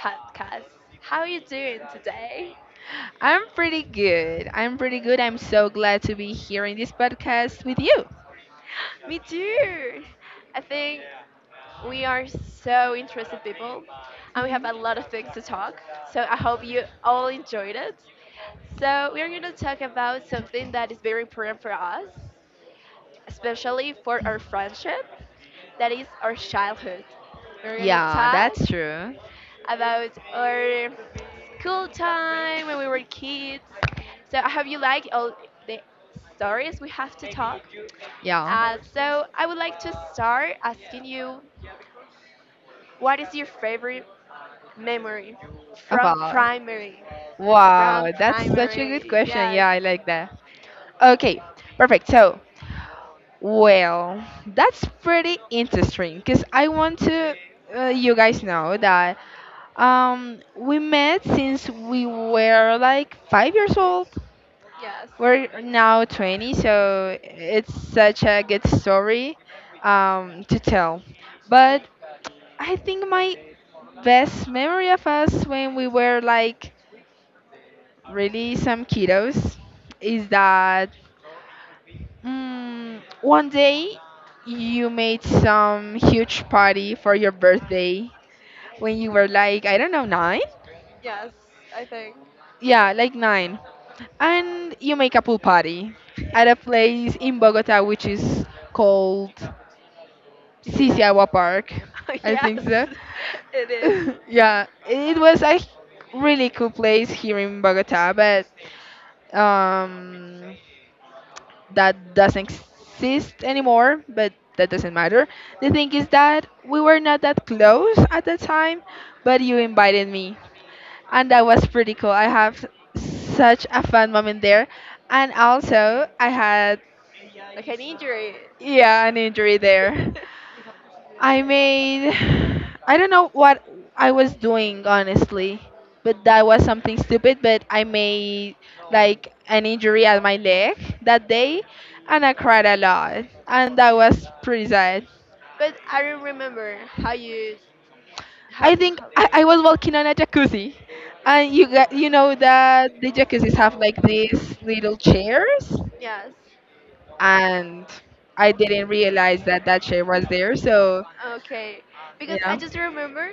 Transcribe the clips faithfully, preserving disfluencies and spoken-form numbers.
podcast. How are you doing today? I'm pretty good. I'm pretty good. I'm so glad to be here in this podcast with you. Me too. I think we are so interested people, and we have Mhm. a lot of things to talk. So I hope you all enjoyed it. So we are going to talk about something that is very important for us, especially for our friendship. That is our childhood. We're going to Yeah, that's talk true. about our cool time when we were kids. So I hope you like all the stories we have to talk. Yeah. Uh, so I would like to start asking you, what is your favorite memory from About. primary? From Wow, that's such a good primary, question. yes, Yeah, I like that. Okay, perfect. So, well, that's pretty interesting because I want to uh, you guys know that um we met since we were like five years old. yes, We're now twenty, so it's such a good story um, to tell. But I think my best memory of us when we were like really some kiddos is that mm, one day you made some huge party for your birthday when you were like, I don't know, nine? yes. I think Yeah, like nine. And you make a pool party at a place in Bogota which is called Pisilar. Sisiawa Park. I Yes, think so. it is Yeah, it was a really cool place here in Bogota, but um, that doesn't exist anymore. But that doesn't matter. The thing is that we were not that close at the time, but you invited me, and that was pretty cool. I have such a fun moment there, and also I had, like an injury. yeah, an injury there. But I made I don't know what I was doing, honestly, but that was something stupid. But I made like an injury at my leg that day, and I cried a lot, and that was pretty sad. I don't remember how you how I think how. I, I was walking on a jacuzzi, and you got you know that the jacuzzis have like these little chairs, Yes. and I didn't realize that that chair was there. So Okay, because I yeah, just remember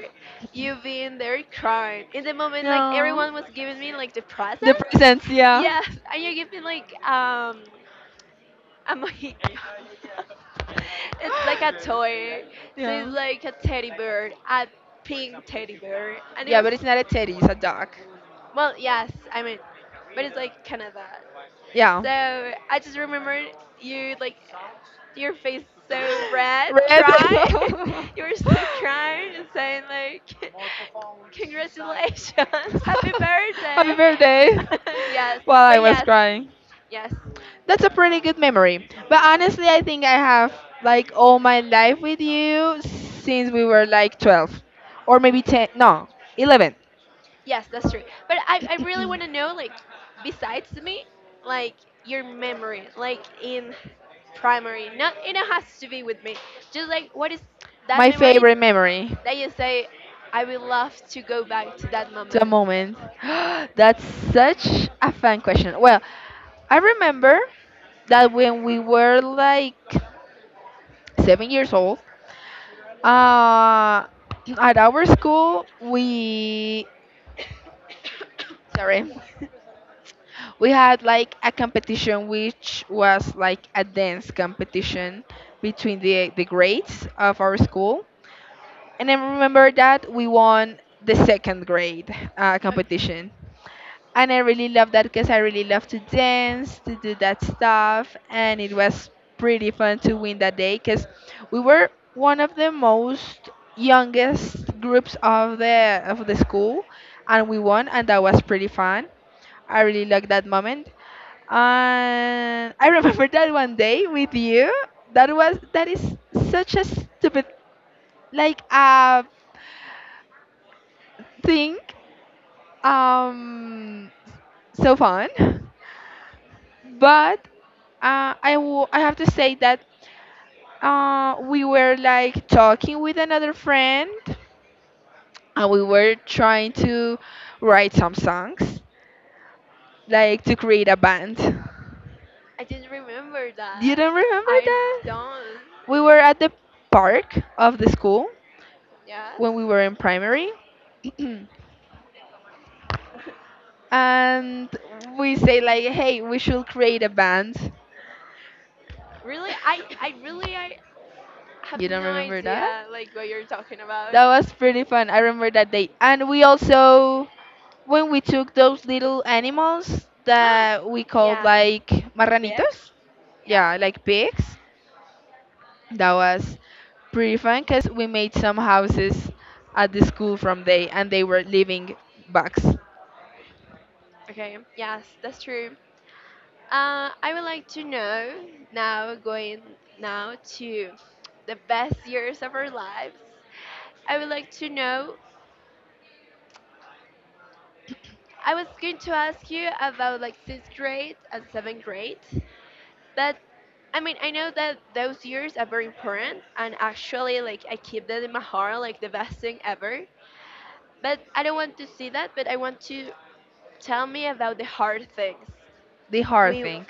you being there crying in the moment, like no, everyone was giving me like the the presents. presents, yeah. Yes, and you give me like um a mojito. It's like a toy, so Yeah. it's like a teddy bear, a pink teddy bear, and it Yeah, was but it's not a teddy, it's a dog. well, yes, I mean, but it's like Canada. Yeah. So I just remember you like your face so red, Red. cry. You were so crying and saying like, congratulations, happy Happy birthday. birthday. Yes, While I but was yes, crying. yes, That's a pretty good memory. But honestly, I think I have like all my life with you since we were like twelve or maybe ten. No, eleven. yes, that's true. But I, I really want to know like, besides me, like your memory, like in primary, not it has to be with me. Just like what is that My memory favorite memory that you say, I would love to go back to that to the moment. moment. That's such a fun question. Well, I remember that when we were like seven years old. Uh, at our school, we sorry, we had like a competition which was like a dance competition between the the grades of our school. And I remember that we won the second grade uh, competition. And I really love that because I really love to dance, to do that stuff. And it was pretty fun to win that day because we were one of the most youngest groups of the of the school and we won, and that was pretty fun. I really liked that moment. And I remember that one day with you. That was that is such a stupid like uh thing. Um so fun. But uh, I wo- I have to say that uh, we were like talking with another friend and we were trying to write some songs, like to create a band. I didn't remember Do you that. don't remember I that? don't. We were at the park of the school Yes. when we were in primary, and we say like, "Hey, we should create a band." Really, I, I really, I have You don't no remember that? idea like what you're talking about. That was pretty fun. I remember that day, and we also when we took those little animals that we called Yes. like Bex. marranitos, Yes. yeah, like pigs, that was pretty fun because we made some houses at the school from they and they were living bugs. Okay. Yes, that's true. Uh, I would like to know now going now to the best years of our lives. I would like to know. I was going to ask you about like sixth grade and seventh grade, but I mean, I know that those years are very important, and actually, like, I keep that in my heart, like, the best thing ever. But I don't want to see that, but I want to tell me about the hard things The hard we things.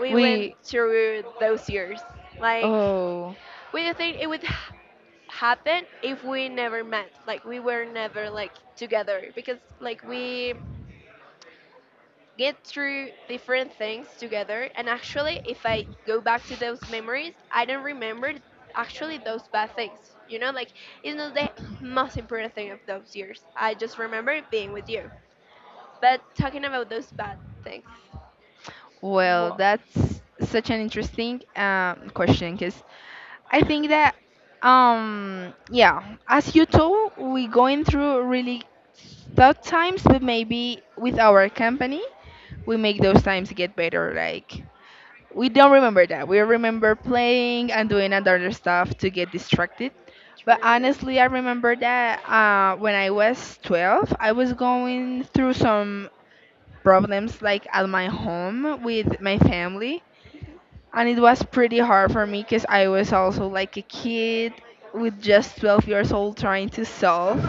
we went We through those years. Like, Oh we didn't think it would ha- happen if we never met, like, we were never, like, together, because, like, we get through different things together. And actually, if I go back to those memories, I don't remember actually those bad things. You know, like it's not the most important thing of those years. I just remember being with you. But talking about those bad things. well, Whoa. that's such an interesting um, question because I think that um yeah, as you told, we going through really tough times, but maybe with our company we make those times get better. Like we don't remember that. We remember playing and doing other stuff to get distracted. But True. honestly, I remember that uh, when I was twelve, I was going through some problems like at my home with my family. And it was pretty hard for me because I was also like a kid with just twelve years old trying to solve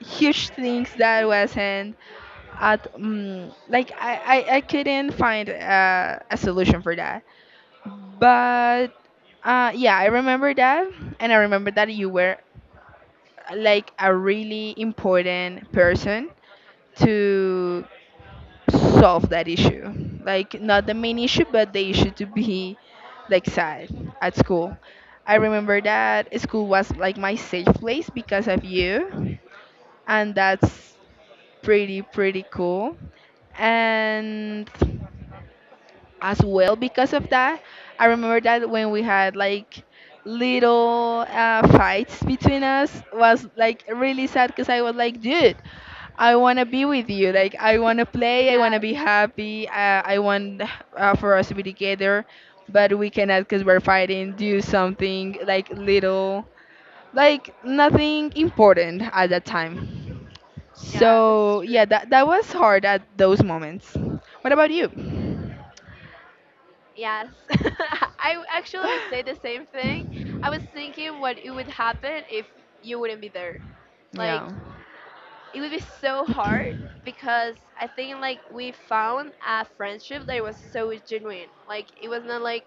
huge things that wasn't at mm like I, I, I couldn't find uh, a solution for that. But uh, yeah, I remember that, and I remember that you were uh, like a really important person to solve that issue. Like not the main issue, but the issue to be like sad at school. I remember that school was like my safe place because of you, and that's pretty pretty cool. And as well because of that. I remember that when we had like little uh, fights between us was like really sad because I was like, dude, I want to be with you. Like I want to play. I want to Yes. be happy. Uh, I want uh, for us to be together, but we cannot because we're fighting. Do something like little, like nothing important at that time. Yeah, that's So true. yeah, that that was hard at those moments. What about you? Yes, I actually would say the same thing. I was thinking what it would happen if you wouldn't be there. Like Yeah. it would be so hard because I think like we found a friendship that was so genuine. Like it was not like,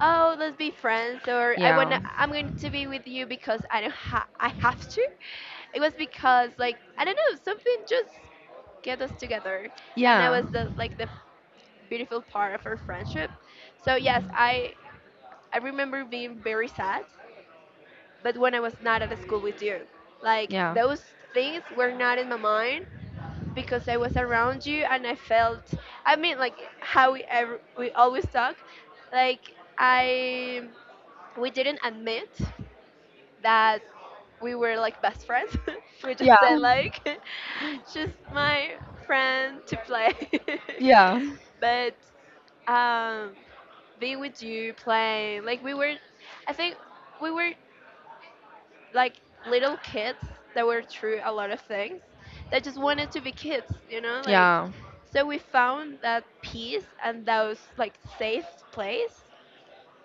oh, let's be friends or I Yeah. wanna I'm going to be with you because I don't ha- I have to. It was because like I don't know something just get us together and that Yeah. was the like the beautiful part of our friendship. So yes, i I remember being very sad, but when I was not at school with you, like Yeah. those things were not in my mind because I was around you and I felt, I mean, like how we ever, we always talk, like I, we didn't admit that we were like best friends. We just Yeah. said like, just my friend to play. Yeah. But um, being with you, playing, like we were, I think we were like little kids that were through a lot of things that just wanted to be kids, you know, like Yeah. so we found that peace and those like safe place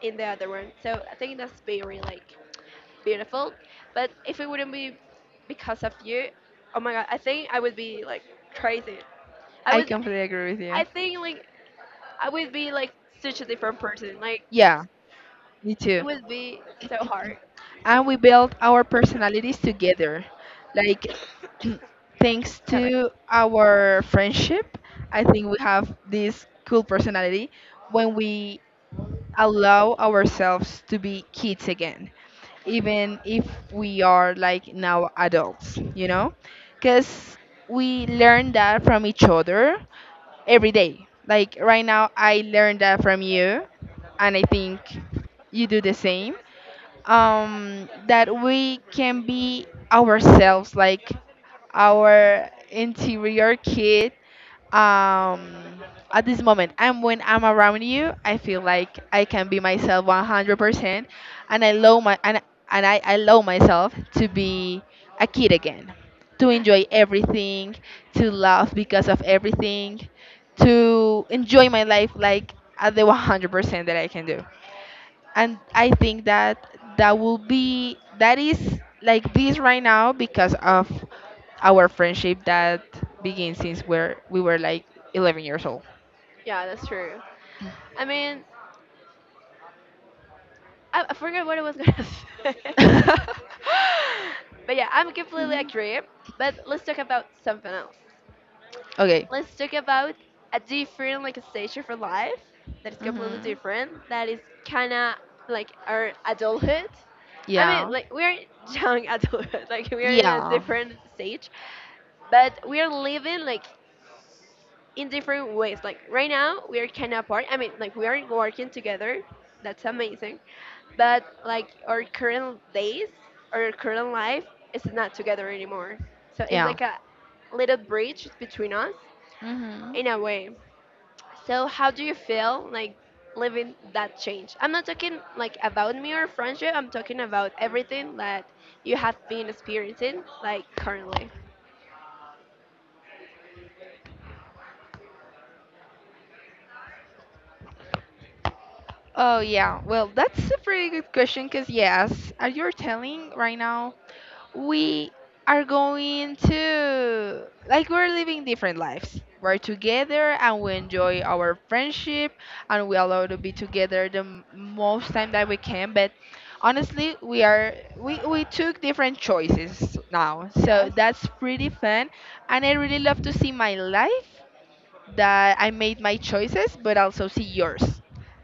in the other one. So I think that's very like beautiful. But if it wouldn't be because of you, oh my god, I think I would be like crazy. I I would completely agree with I you. think like I would be like such a different person. Like Yeah, me too. it would be so hard. And we build our personalities together. Like thanks Sorry. to our friendship, I think we have this cool personality when we allow ourselves to be kids again, even if we are like now adults, you know? Because we learn that from each other every day. Like right now, I learned that from you, and I think you do the same. Um, that we can be ourselves, like our interior kid um at this moment, and when I'm around you I feel like I can be myself one hundred percent and I allow my and, and I allow myself to be a kid again, to enjoy everything, to laugh because of everything, to enjoy my life like at the one hundred percent that I can do. And I think that that will be that is like this right now because of our friendship that begins since where we were like eleven years old. Yeah, that's true. I mean, I, I forgot what I was gonna say. But yeah, I'm completely agree. But let's talk about something else. Okay. Let's talk about a different like a stage of our life that is completely Mhm. different. That is kinda like our adulthood. I mean, Yeah. like we're young adulthood. Like we are in a Yeah. different stage, but we are living like in different ways. Like right now, we are kind of apart. I mean, like we are working together. That's amazing. But like our current days, our current life is not together anymore. So it's Yeah. like a little bridge between us Mhm. in a way. So how do you feel like living that change? I'm not talking like about me or friendship. I'm talking about everything that you have been experiencing like currently. Oh yeah. Well, that's a pretty good question because yes, as you're telling right now, we are going to like we're living different lives, we're together and we enjoy our friendship, and we allow to be together the m- most time that we can. But honestly, we are we, we took different choices now, so Yes. that's pretty fun, and I really love to see my life that I made my choices, but also see yours,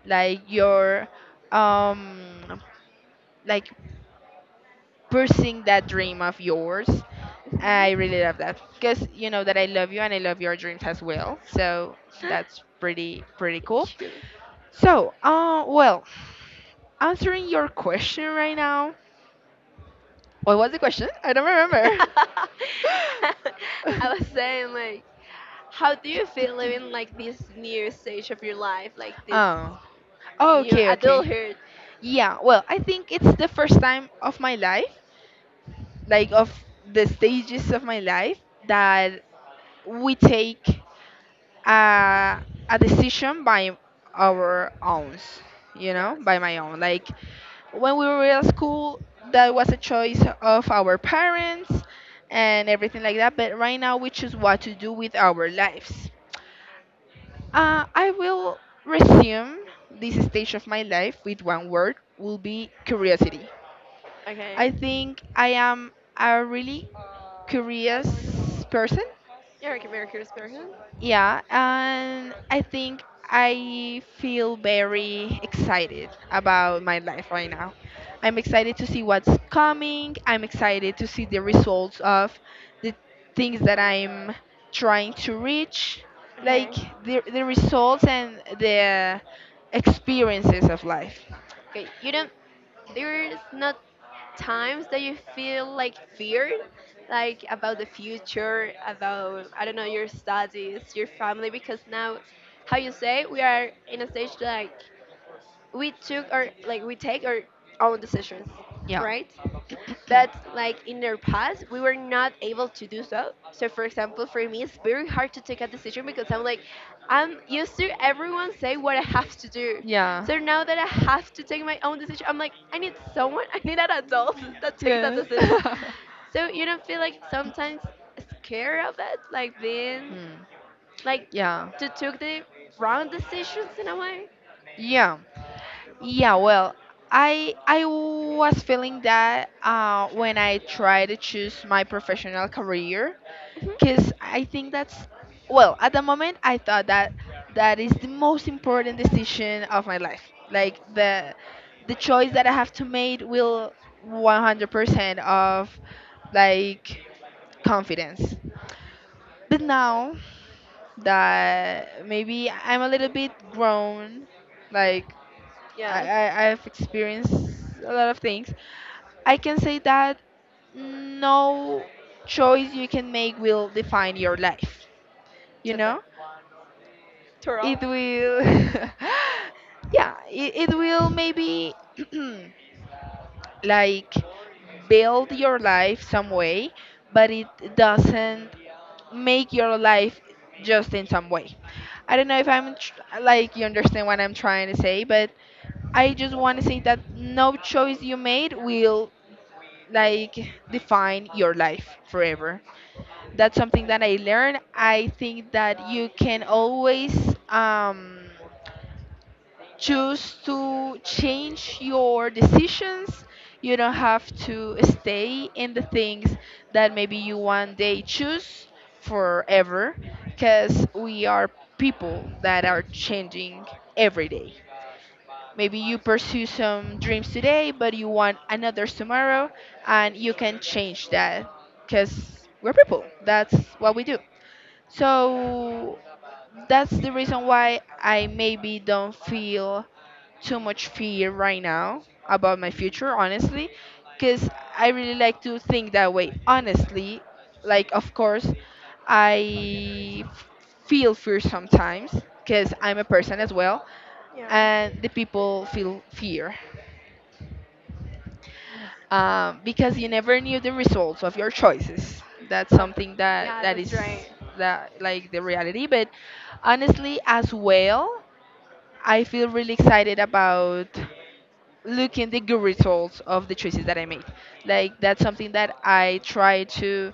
like your um like pursuing that dream of yours. I Mhm. really love that because you know that I love you and I love your dreams as well. So that's pretty pretty cool. Thank you. So, uh, well, answering your question right now. What was the question? I don't remember. I was saying like, how do you feel living like this new stage of your life, like this Oh, new okay, okay. adulthood? Yeah, well, I think it's the first time of my life, like of the stages of my life, that we take uh, a decision by our own, you know, Yes. by my own. Like when we were at school, that was a choice of our parents and everything like that. But right now, we choose what to do with our lives. Uh, I will resume this stage of my life with one word will be curiosity. Okay. I think I am a really curious person. You're like American person. Yeah, and I think I feel very excited about my life right now. I'm excited to see what's coming. I'm excited to see the results of the things that I'm trying to reach, like Okay. the, the results and the experiences of life. Okay. You don't. There's not times that you feel like fear like about the future, about I don't know your studies, your family, because now how you say we are in a stage like we took our like we take our own decisions, Yeah, right? But like in their past we were not able to do so. So for example for me it's very hard to take a decision because i'm like i'm used to everyone say what I have to do. yeah, So now that I have to take my own decision I'm like I need someone, I need an adult that take that yeah. decision. So you don't feel like sometimes scared of it, like being Hmm. like Yeah. to took the wrong decisions in a way? Yeah. Yeah, well, I I was feeling that uh, when I try to choose my professional career, Hmm. because I think that's, well, at the moment I thought that that is the most important decision of my life. Like the the choice that I have to make will one hundred percent of like confidence. But now that maybe I'm a little bit grown, like Yes, I, I I've experienced a lot of things. I can say that no choice you can make will define your life. You to the know, twirl. it will. Yeah, it, it will maybe like build your life some way, but it doesn't make your life just in some way. I don't know if I'm tr- like you understand what I'm trying to say, but I just want to say that no choice you made will like define your life forever. That's something that I learned. I think that you can always um, choose to change your decisions. You don't have to stay in the things that maybe you one day choose forever because we are people that are changing every day. Maybe you pursue some dreams today, but you want another tomorrow, and you can change that because we're people. That's what we do. So that's the reason why I maybe don't feel too much fear right now about my future, honestly, because I really like to think that way. Honestly, like, of course, I f- feel fear sometimes because I'm a person as well, Yeah. and the people feel fear. um, because you never knew the results of your choices. That's Okay. something that Yeah, that that's is, right. that, like, the reality. But honestly, as well, I feel really excited about looking the good results of the choices that I made. Like that's something that I try to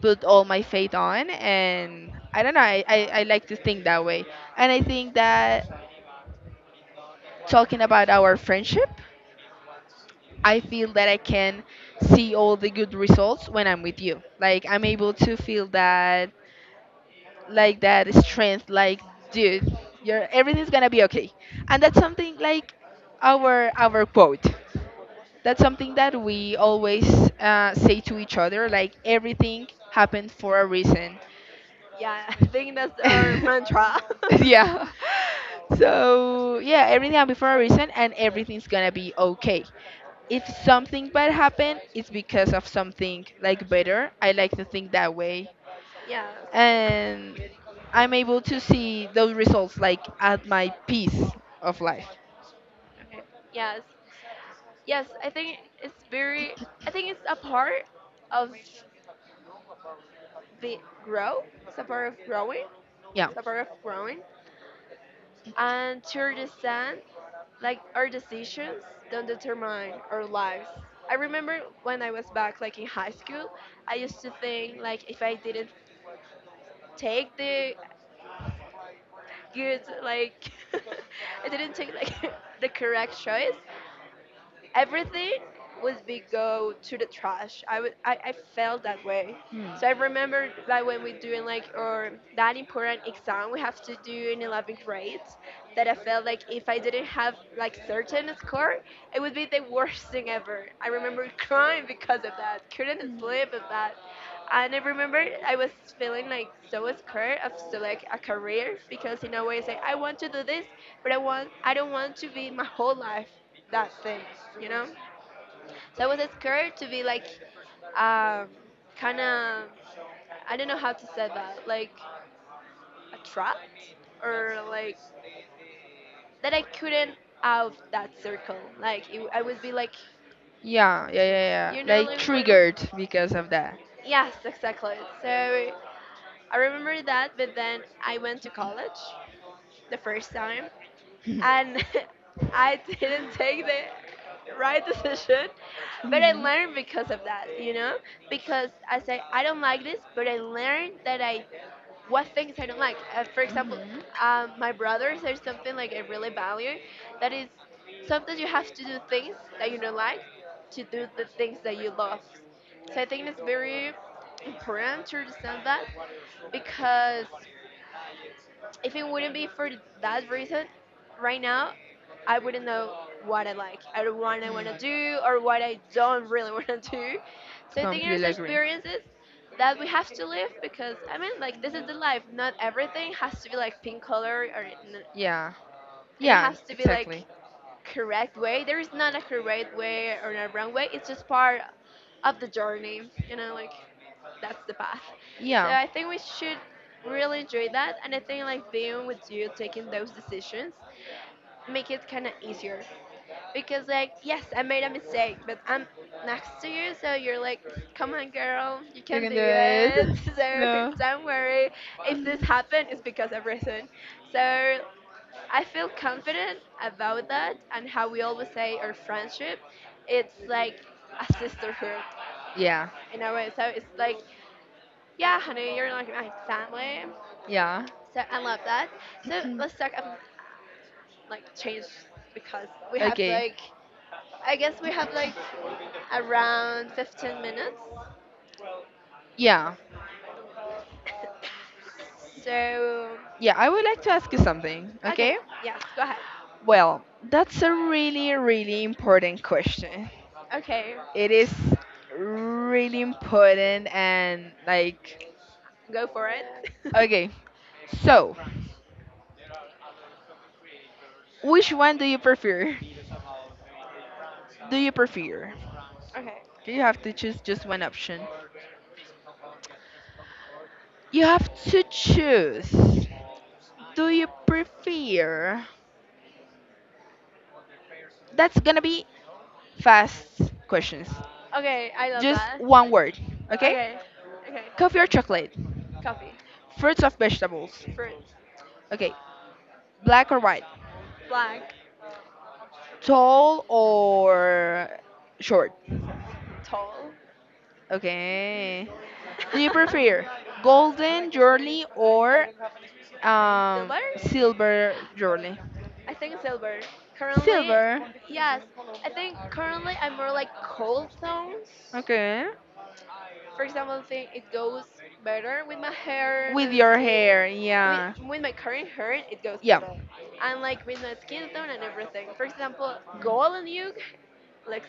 put all my faith on, and I don't know, I, I, I like to think that way. And I think that talking about our friendship, I feel that I can see all the good results when I'm with you. Like I'm able to feel that, like that strength, like dude, you're everything's going to be okay. And that's something like our our quote. That's something that we always uh, say to each other, like everything happened for a reason. Yeah, I think that's our mantra. Yeah. So, yeah, everything happened for a reason and everything's going to be okay. If something bad happened, it's because of something like better. I like to think that way. Yes. And I'm able to see those results like at my peace of life. Okay. Yes. Yes, I think it's very. I think it's a part of the grow. It's a part of growing. Yeah. It's a part of growing. And to understand, like our decisions don't determine our lives. I remember when I was back, like in high school, I used to think like if I didn't take the good, like I didn't take like the correct choice, everything would be go to the trash. I would I, I felt that way. Hmm. So I remember that when we doing like or that important exam we have to do in eleventh grade that I felt like if I didn't have like certain score it would be the worst thing ever. I remember crying because of that. Couldn't sleep with that. And I remember I was feeling like so scared of select a career because in a way it's like I want to do this, but I want I don't want to be my whole life that thing, you know? So I was scared to be like, um, kind of, I don't know how to say that, like a trap or like that I couldn't out that circle. Like it, I would be like, Yeah, yeah, yeah, yeah. you know, Like like what? am- triggered because of that. Yes, exactly. So I remember that, but then I went to college the first time, and I didn't take the right decision, but I Mhm. learned because of that, you know? Because I say, I don't like this, but I learned that I, what things I don't like. Uh, for Hmm. example, Mm-hmm. um, my brothers are something like I really value. That is, sometimes you have to do things that you don't like to do the things that you love. So I think it's very important to understand that because if it wouldn't be for that reason, right now, I wouldn't know what I like, or what I want Hmm. to do, or what I don't really want to do. So I think there's Completely agree. experiences that we have to live because I mean, like this is the life. Not everything has to be like pink color, or Yeah. and it Yeah, has to be like exactly. correct way. There is not a correct way or a wrong way. It's just part of the journey, you know, like that's the path. So Yeah. I think we should really enjoy that. And I think like being with you, taking those decisions, make it kind of easier. Because like, yes, I made a mistake, but I'm next to you, so you're like, come on, girl, you You can can do do it. it. So Yeah. don't worry. If this happened, it's because of reason. So I feel confident about that and how we always say our friendship, it's like a sisterhood Yeah. in a way. So it's like, yeah, honey, you're like my family. Yeah. So I love that. So let's talk about like change because we have Okay. like, I guess we have like around fifteen minutes. Yeah. So, Yeah, I would like to ask you something, okay, okay? yes, go ahead. Well, that's a really, really important question. Okay, It is really important, and like, go for it. okay, so which one do you prefer? Do you prefer? Okay, You have to choose just one option. You have to choose. Do you prefer? That's gonna be fast questions. okay, I love Just that. one word, okay? Okay, okay. Coffee or chocolate? Coffee, Fruits or vegetables? fruit, Okay, black or white? black, Tall or short? tall. Okay. Do you prefer golden jewelry or um, Silver? silver jewelry? I think silver. Currently, Silver. yes. I think currently I'm more like cold tones. Okay. For example, I think it goes better with my hair, With my your skin. hair, With, yeah. with my current hair, it goes Yeah. better. And like with my skin tone and everything. For example, gold and you looks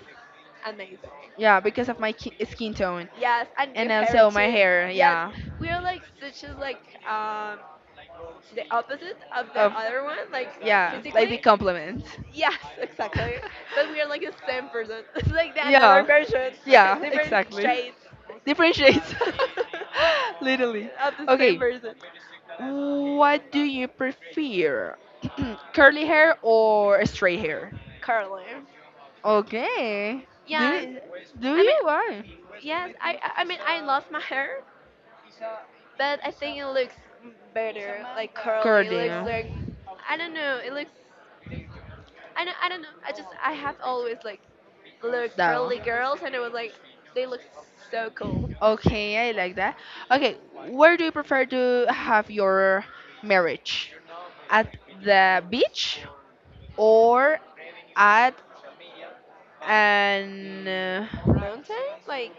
amazing. Yeah, because of my ki- skin tone. Yes, and And your hair also my too. hair, Yes, yeah. we are like such as like um the opposite of the Of other one, like yeah, like physically. the compliment. Yes, exactly. But we are like the same person. It's like the another Yeah. version, Yeah, different exactly. traits Different shades. Literally. of the same Okay. person. What do you prefer? Curly hair or straight hair? Curly. Okay. Do Yes, you, do I you? mean, Why? yes, I I I mean I love my hair, but I think it looks better like curly. It looks Curly. like I don't know. It looks I don't, I don't know. I just I have always like looked That one. curly girls, and it was like they look so cool. Okay, I like that. Okay, where do you prefer to have your marriage? At the beach, or add and uh, Mountain, like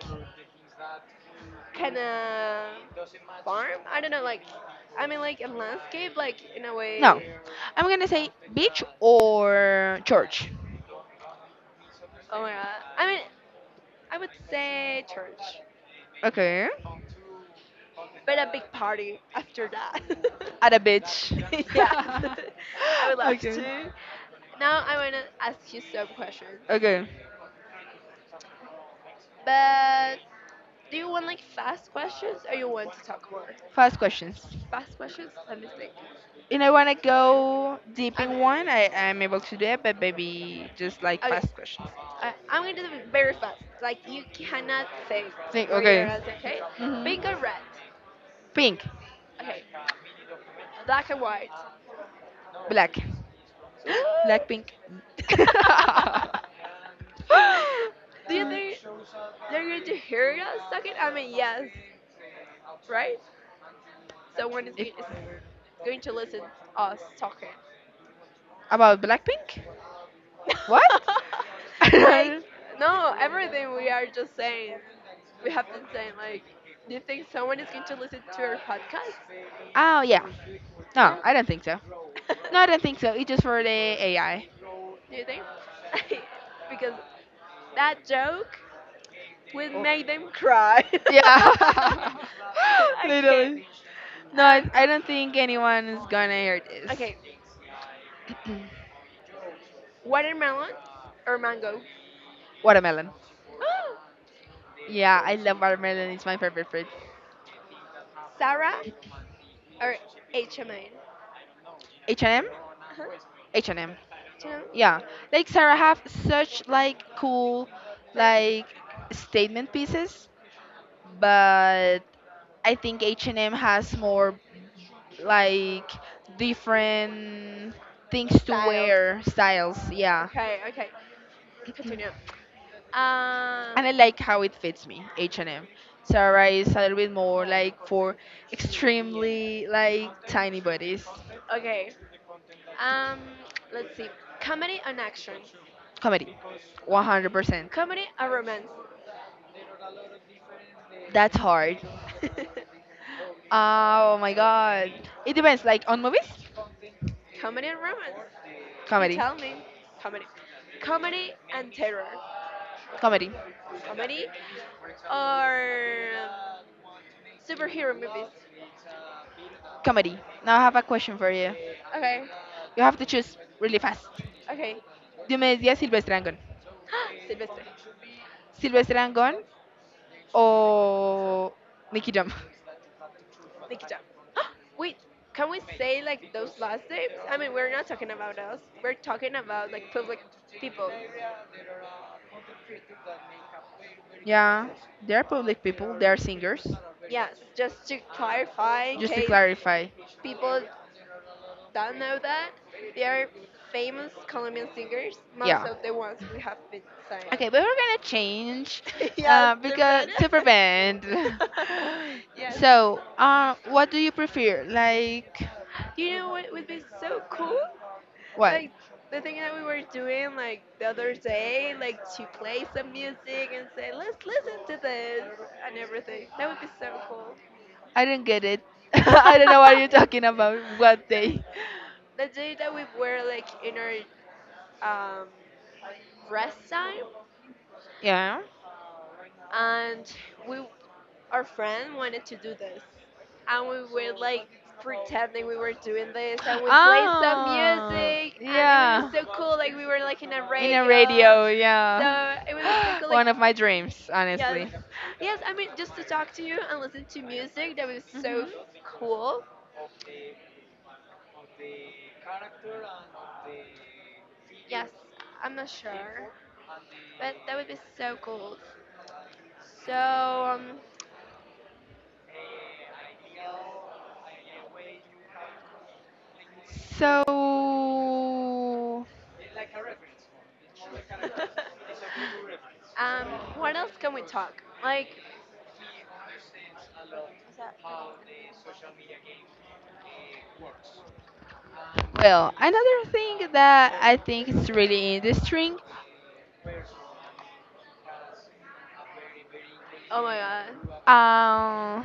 kind of farm. I don't know. Like I mean, like a landscape, like in a no, way. I'm gonna say beach or church. Oh my god. I mean, I would say church, Okay, but a big party after that. at a beach. Yes, I would love Okay, to. Now I wanna ask you some questions, okay, but do you want like fast questions or you want to talk more? fast questions. Fast questions. Let me think. And I wanna go deep Um. in one. I i am able to do it, but maybe just like Okay. fast questions. I, I'm going to do it very fast. Like you cannot think Think. where you're Okay. at. Okay, Hmm. pink or red. Pink. Okay, black or white. Black. Ooh. Black pink. Do you Mm. think they're going to hear us talking? I mean, yes, right? Someone is If- going is going to listen us talking. about Blackpink? What? Like Oh no, everything we are just saying. We have been saying like, do you think someone is going to listen to our podcast? yeah. No, Yeah. I don't think so. No, I don't think so. It's just for the A I. Do you think? Because that joke would make them cry. Yeah. Okay. Literally. No, I, Um, I don't think anyone is gonna hear this. okay. Watermelon or mango? Watermelon. Oh, Yeah, I love watermelon. It's my favorite fruit. Sarah or H M N? H and M. Huh? H and M. Jim? Yeah, like Sarah have such like cool Thanks. like statement pieces, but I think H and M has more like different things to Sales. wear styles. Yeah. Okay, okay. And Continue. Uh, I like how it fits me. H&M, Sarah is a little bit more like for extremely like tiny bodies. okay. Um, let's see. Comedy and action. Comedy. one hundred percent. Comedy and romance. That's hard. Ah, oh my God, it depends, like on movies. Comedy and romance. You Comedy. tell me. Comedy. Comedy and terror. Comedy. Comedy or um, superhero movies. Comedy. Now I have a question for you. Okay. You have to choose really fast. Okay. Dime ten, Silvestre Angón. Silvestre. Silvestre Angón or Nicky Jam. Nikita. Wait. Can we say like those last names? I mean, we're not talking about us. We're talking about like public people. Yeah, they're public people, they're singers. Yes, just to clarify in Just to case clarify. people don't know that, they are famous Colombian singers, most Yeah. of the ones we have been saying. Okay, but we're gonna change, Yeah, uh, the because better. super band. Yes. So, uh, what do you prefer? Like, You know what would be so cool? what? Like the thing that we were doing like the other day, like to play some music and say, let's listen to this and everything. That would be so cool. I didn't get it. I don't know what you're talking about. What day? The day that we were like in our um, rest time Yeah. and we our friend wanted to do this and we were like pretending we were doing this and we played some Oh, music and it was yeah. so cool, like we were like in a In a radio, radio, yeah. so it was so cool, like One of my dreams, yes, honestly. yes, I mean just to talk to you and listen to music, that was so Hmm. cool. Yes, I'm not sure, but that would be so cool. So um So, um what else can we talk, like what's that? well, another thing that I think is really interesting. Oh my god. Um,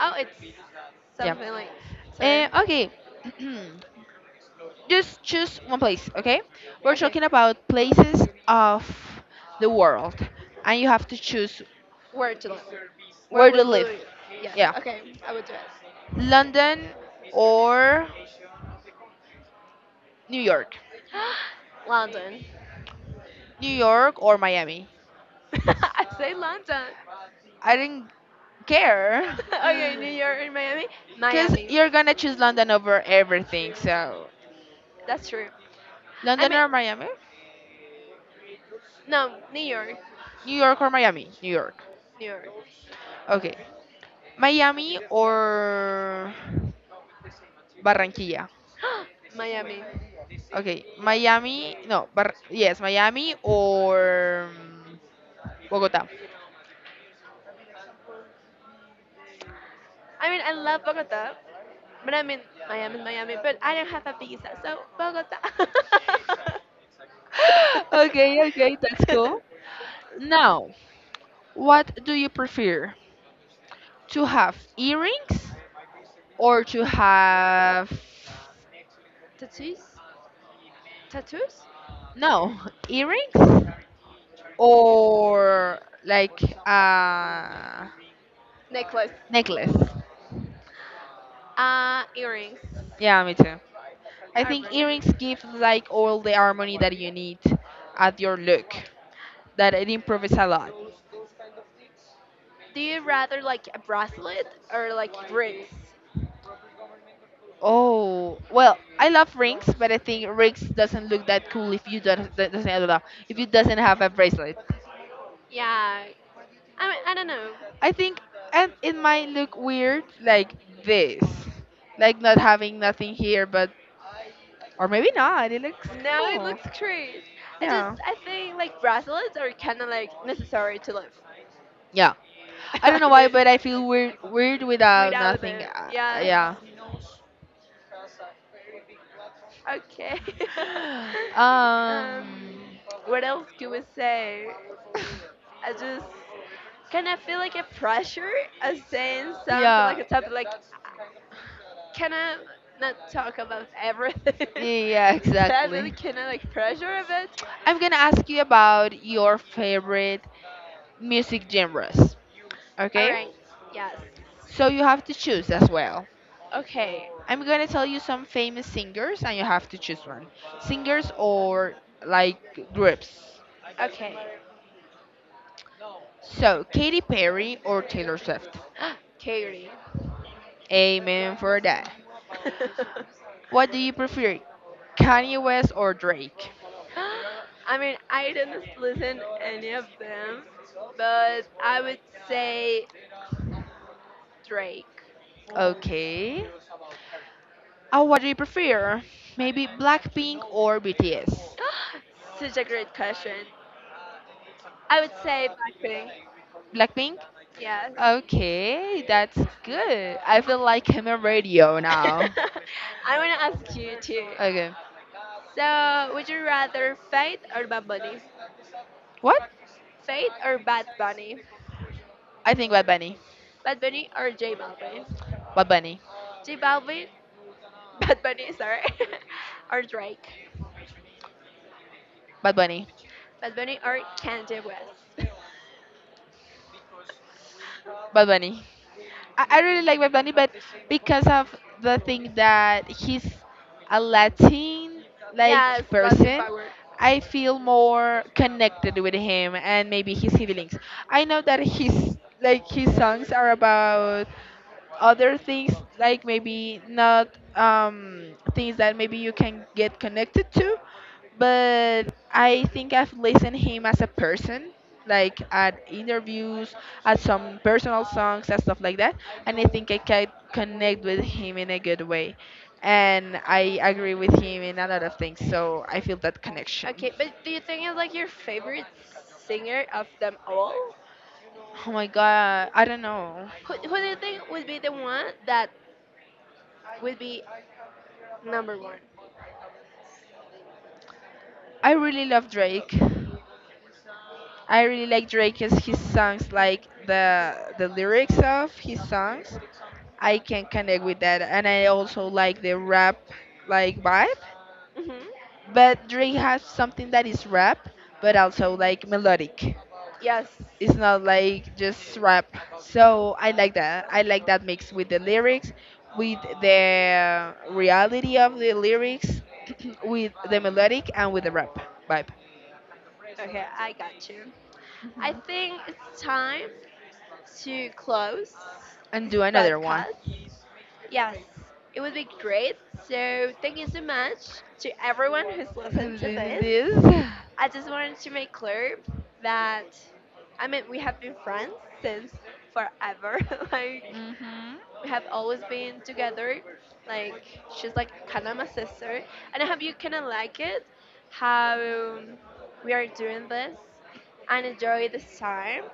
Oh, it's yeah. something like. Sorry. Eh, okay. Just choose one place, okay? We're Okay. talking about places of the world, and you have to choose Where to live? Where where to would live. we? Yes. Yeah, Okay. I would do it. London or New York? London. New York or Miami? I say London. I didn't care, Okay, New York and Miami. cause Miami. you're gonna choose London over everything. So That's true. I London mean, or Miami? no, New York. New York or Miami? New York. New York. Okay, Miami or Barranquilla? Miami. Okay, Miami. No, Bar yes, Miami or um, Bogota? I mean, I love Bogota, but I mean, Miami Miami, but I don't have a visa, so Bogota. Okay, okay, that's cool. Now, what do you prefer? To have earrings, or to have Tattoos? Tattoos? no, earrings or like a Necklace. necklace? Uh, earrings. Yeah, me too. I Or think bracelet. earrings give like all the harmony that you need at your look. That it improves a lot. Do you rather like a bracelet or like rings? Oh, well, I love rings, but I think rings doesn't look that cool if you don't, that doesn't, I don't know, if it doesn't have a bracelet. Yeah, I mean, I don't know. I think, and it might look weird like this. Like not having nothing here, but or maybe not. It looks No, it cool. looks crazy. I just, Yeah. I think like bracelets are kind of like necessary to live. Yeah. I don't I know why, mean, but I feel weird weird without without nothing. it, Uh, yes. Yeah. Okay. um, Um what else could we say? I just kind of feel like a pressure of saying something like yeah. a topic. Like, can I not talk about everything? Yeah, yeah, So I feel exactly. kind of like pressure of it. I'm gonna ask you about your favorite music genres. All Okay? right. Yes. So you have to choose as well. Okay. I'm going to tell you some famous singers and you have to choose one. Singers or like groups. Okay. So, Katy Perry or Taylor Swift? Katie. Amen for that. What do you prefer? Kanye West or Drake? I mean, I didn't listen any of them, but I would say Drake. Okay. Oh, what do you prefer? Maybe Blackpink or B T S? Such a great question. I would say Blackpink. Blackpink? Yes. Okay, that's good. I feel like I'm a radio now. I want to ask you too. Okay. So, would you rather Fate or Bad Bunny? What? Fate or Bad Bunny? I think Bad Bunny. Bad Bunny or J Balvin? Bad Bunny. J Balvin, Bad Bunny, sorry, or Drake? Bad Bunny. Bad Bunny or Kanye West? Bad Bunny. I, I really like Bad Bunny, but because of the thing that he's a Latin Yes, like Latin person, power. I feel more connected with him and maybe his feelings. I know that his, like his songs are about other things, like maybe not um, things that maybe you can get connected to. But I think I've listened him as a person, like at interviews, at some personal songs and stuff like that, and I think I can connect with him in a good way, and I agree with him in a lot of things, so I feel that connection. Okay, but do you think it's like your favorite singer of them all? Oh my God, I don't know. Who, who do you think would be the one that would be number one? I really love Drake. I really like Drake as his songs, like the the lyrics of his songs. I can connect with that, and I also like the rap like vibe. Hmm. But Drake has something that is rap, but also like melodic. Yes. It's not like just rap. So I like that. I like that mix, with the lyrics, with the reality of the lyrics, with the melodic and with the rap vibe. Okay, I got you. I Mhm. think it's time to close And this do another one. podcast. Yes, it would be great. So thank you so much to everyone who's listened to Listen this. this. I just wanted to make clear that I mean we have been friends since forever. Like Mm-hmm. we have always been together. Like she's like kind of my sister, and I hope you kind of like it. How we are doing this and enjoy this time.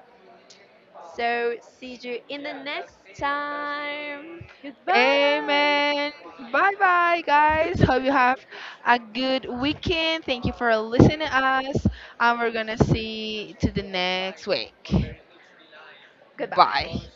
So see you in the next time. Goodbye. Amen. Bye bye, guys. Hope you have a good weekend. Thank you for listening to us. And we're going to see to the next week. Goodbye. Bye.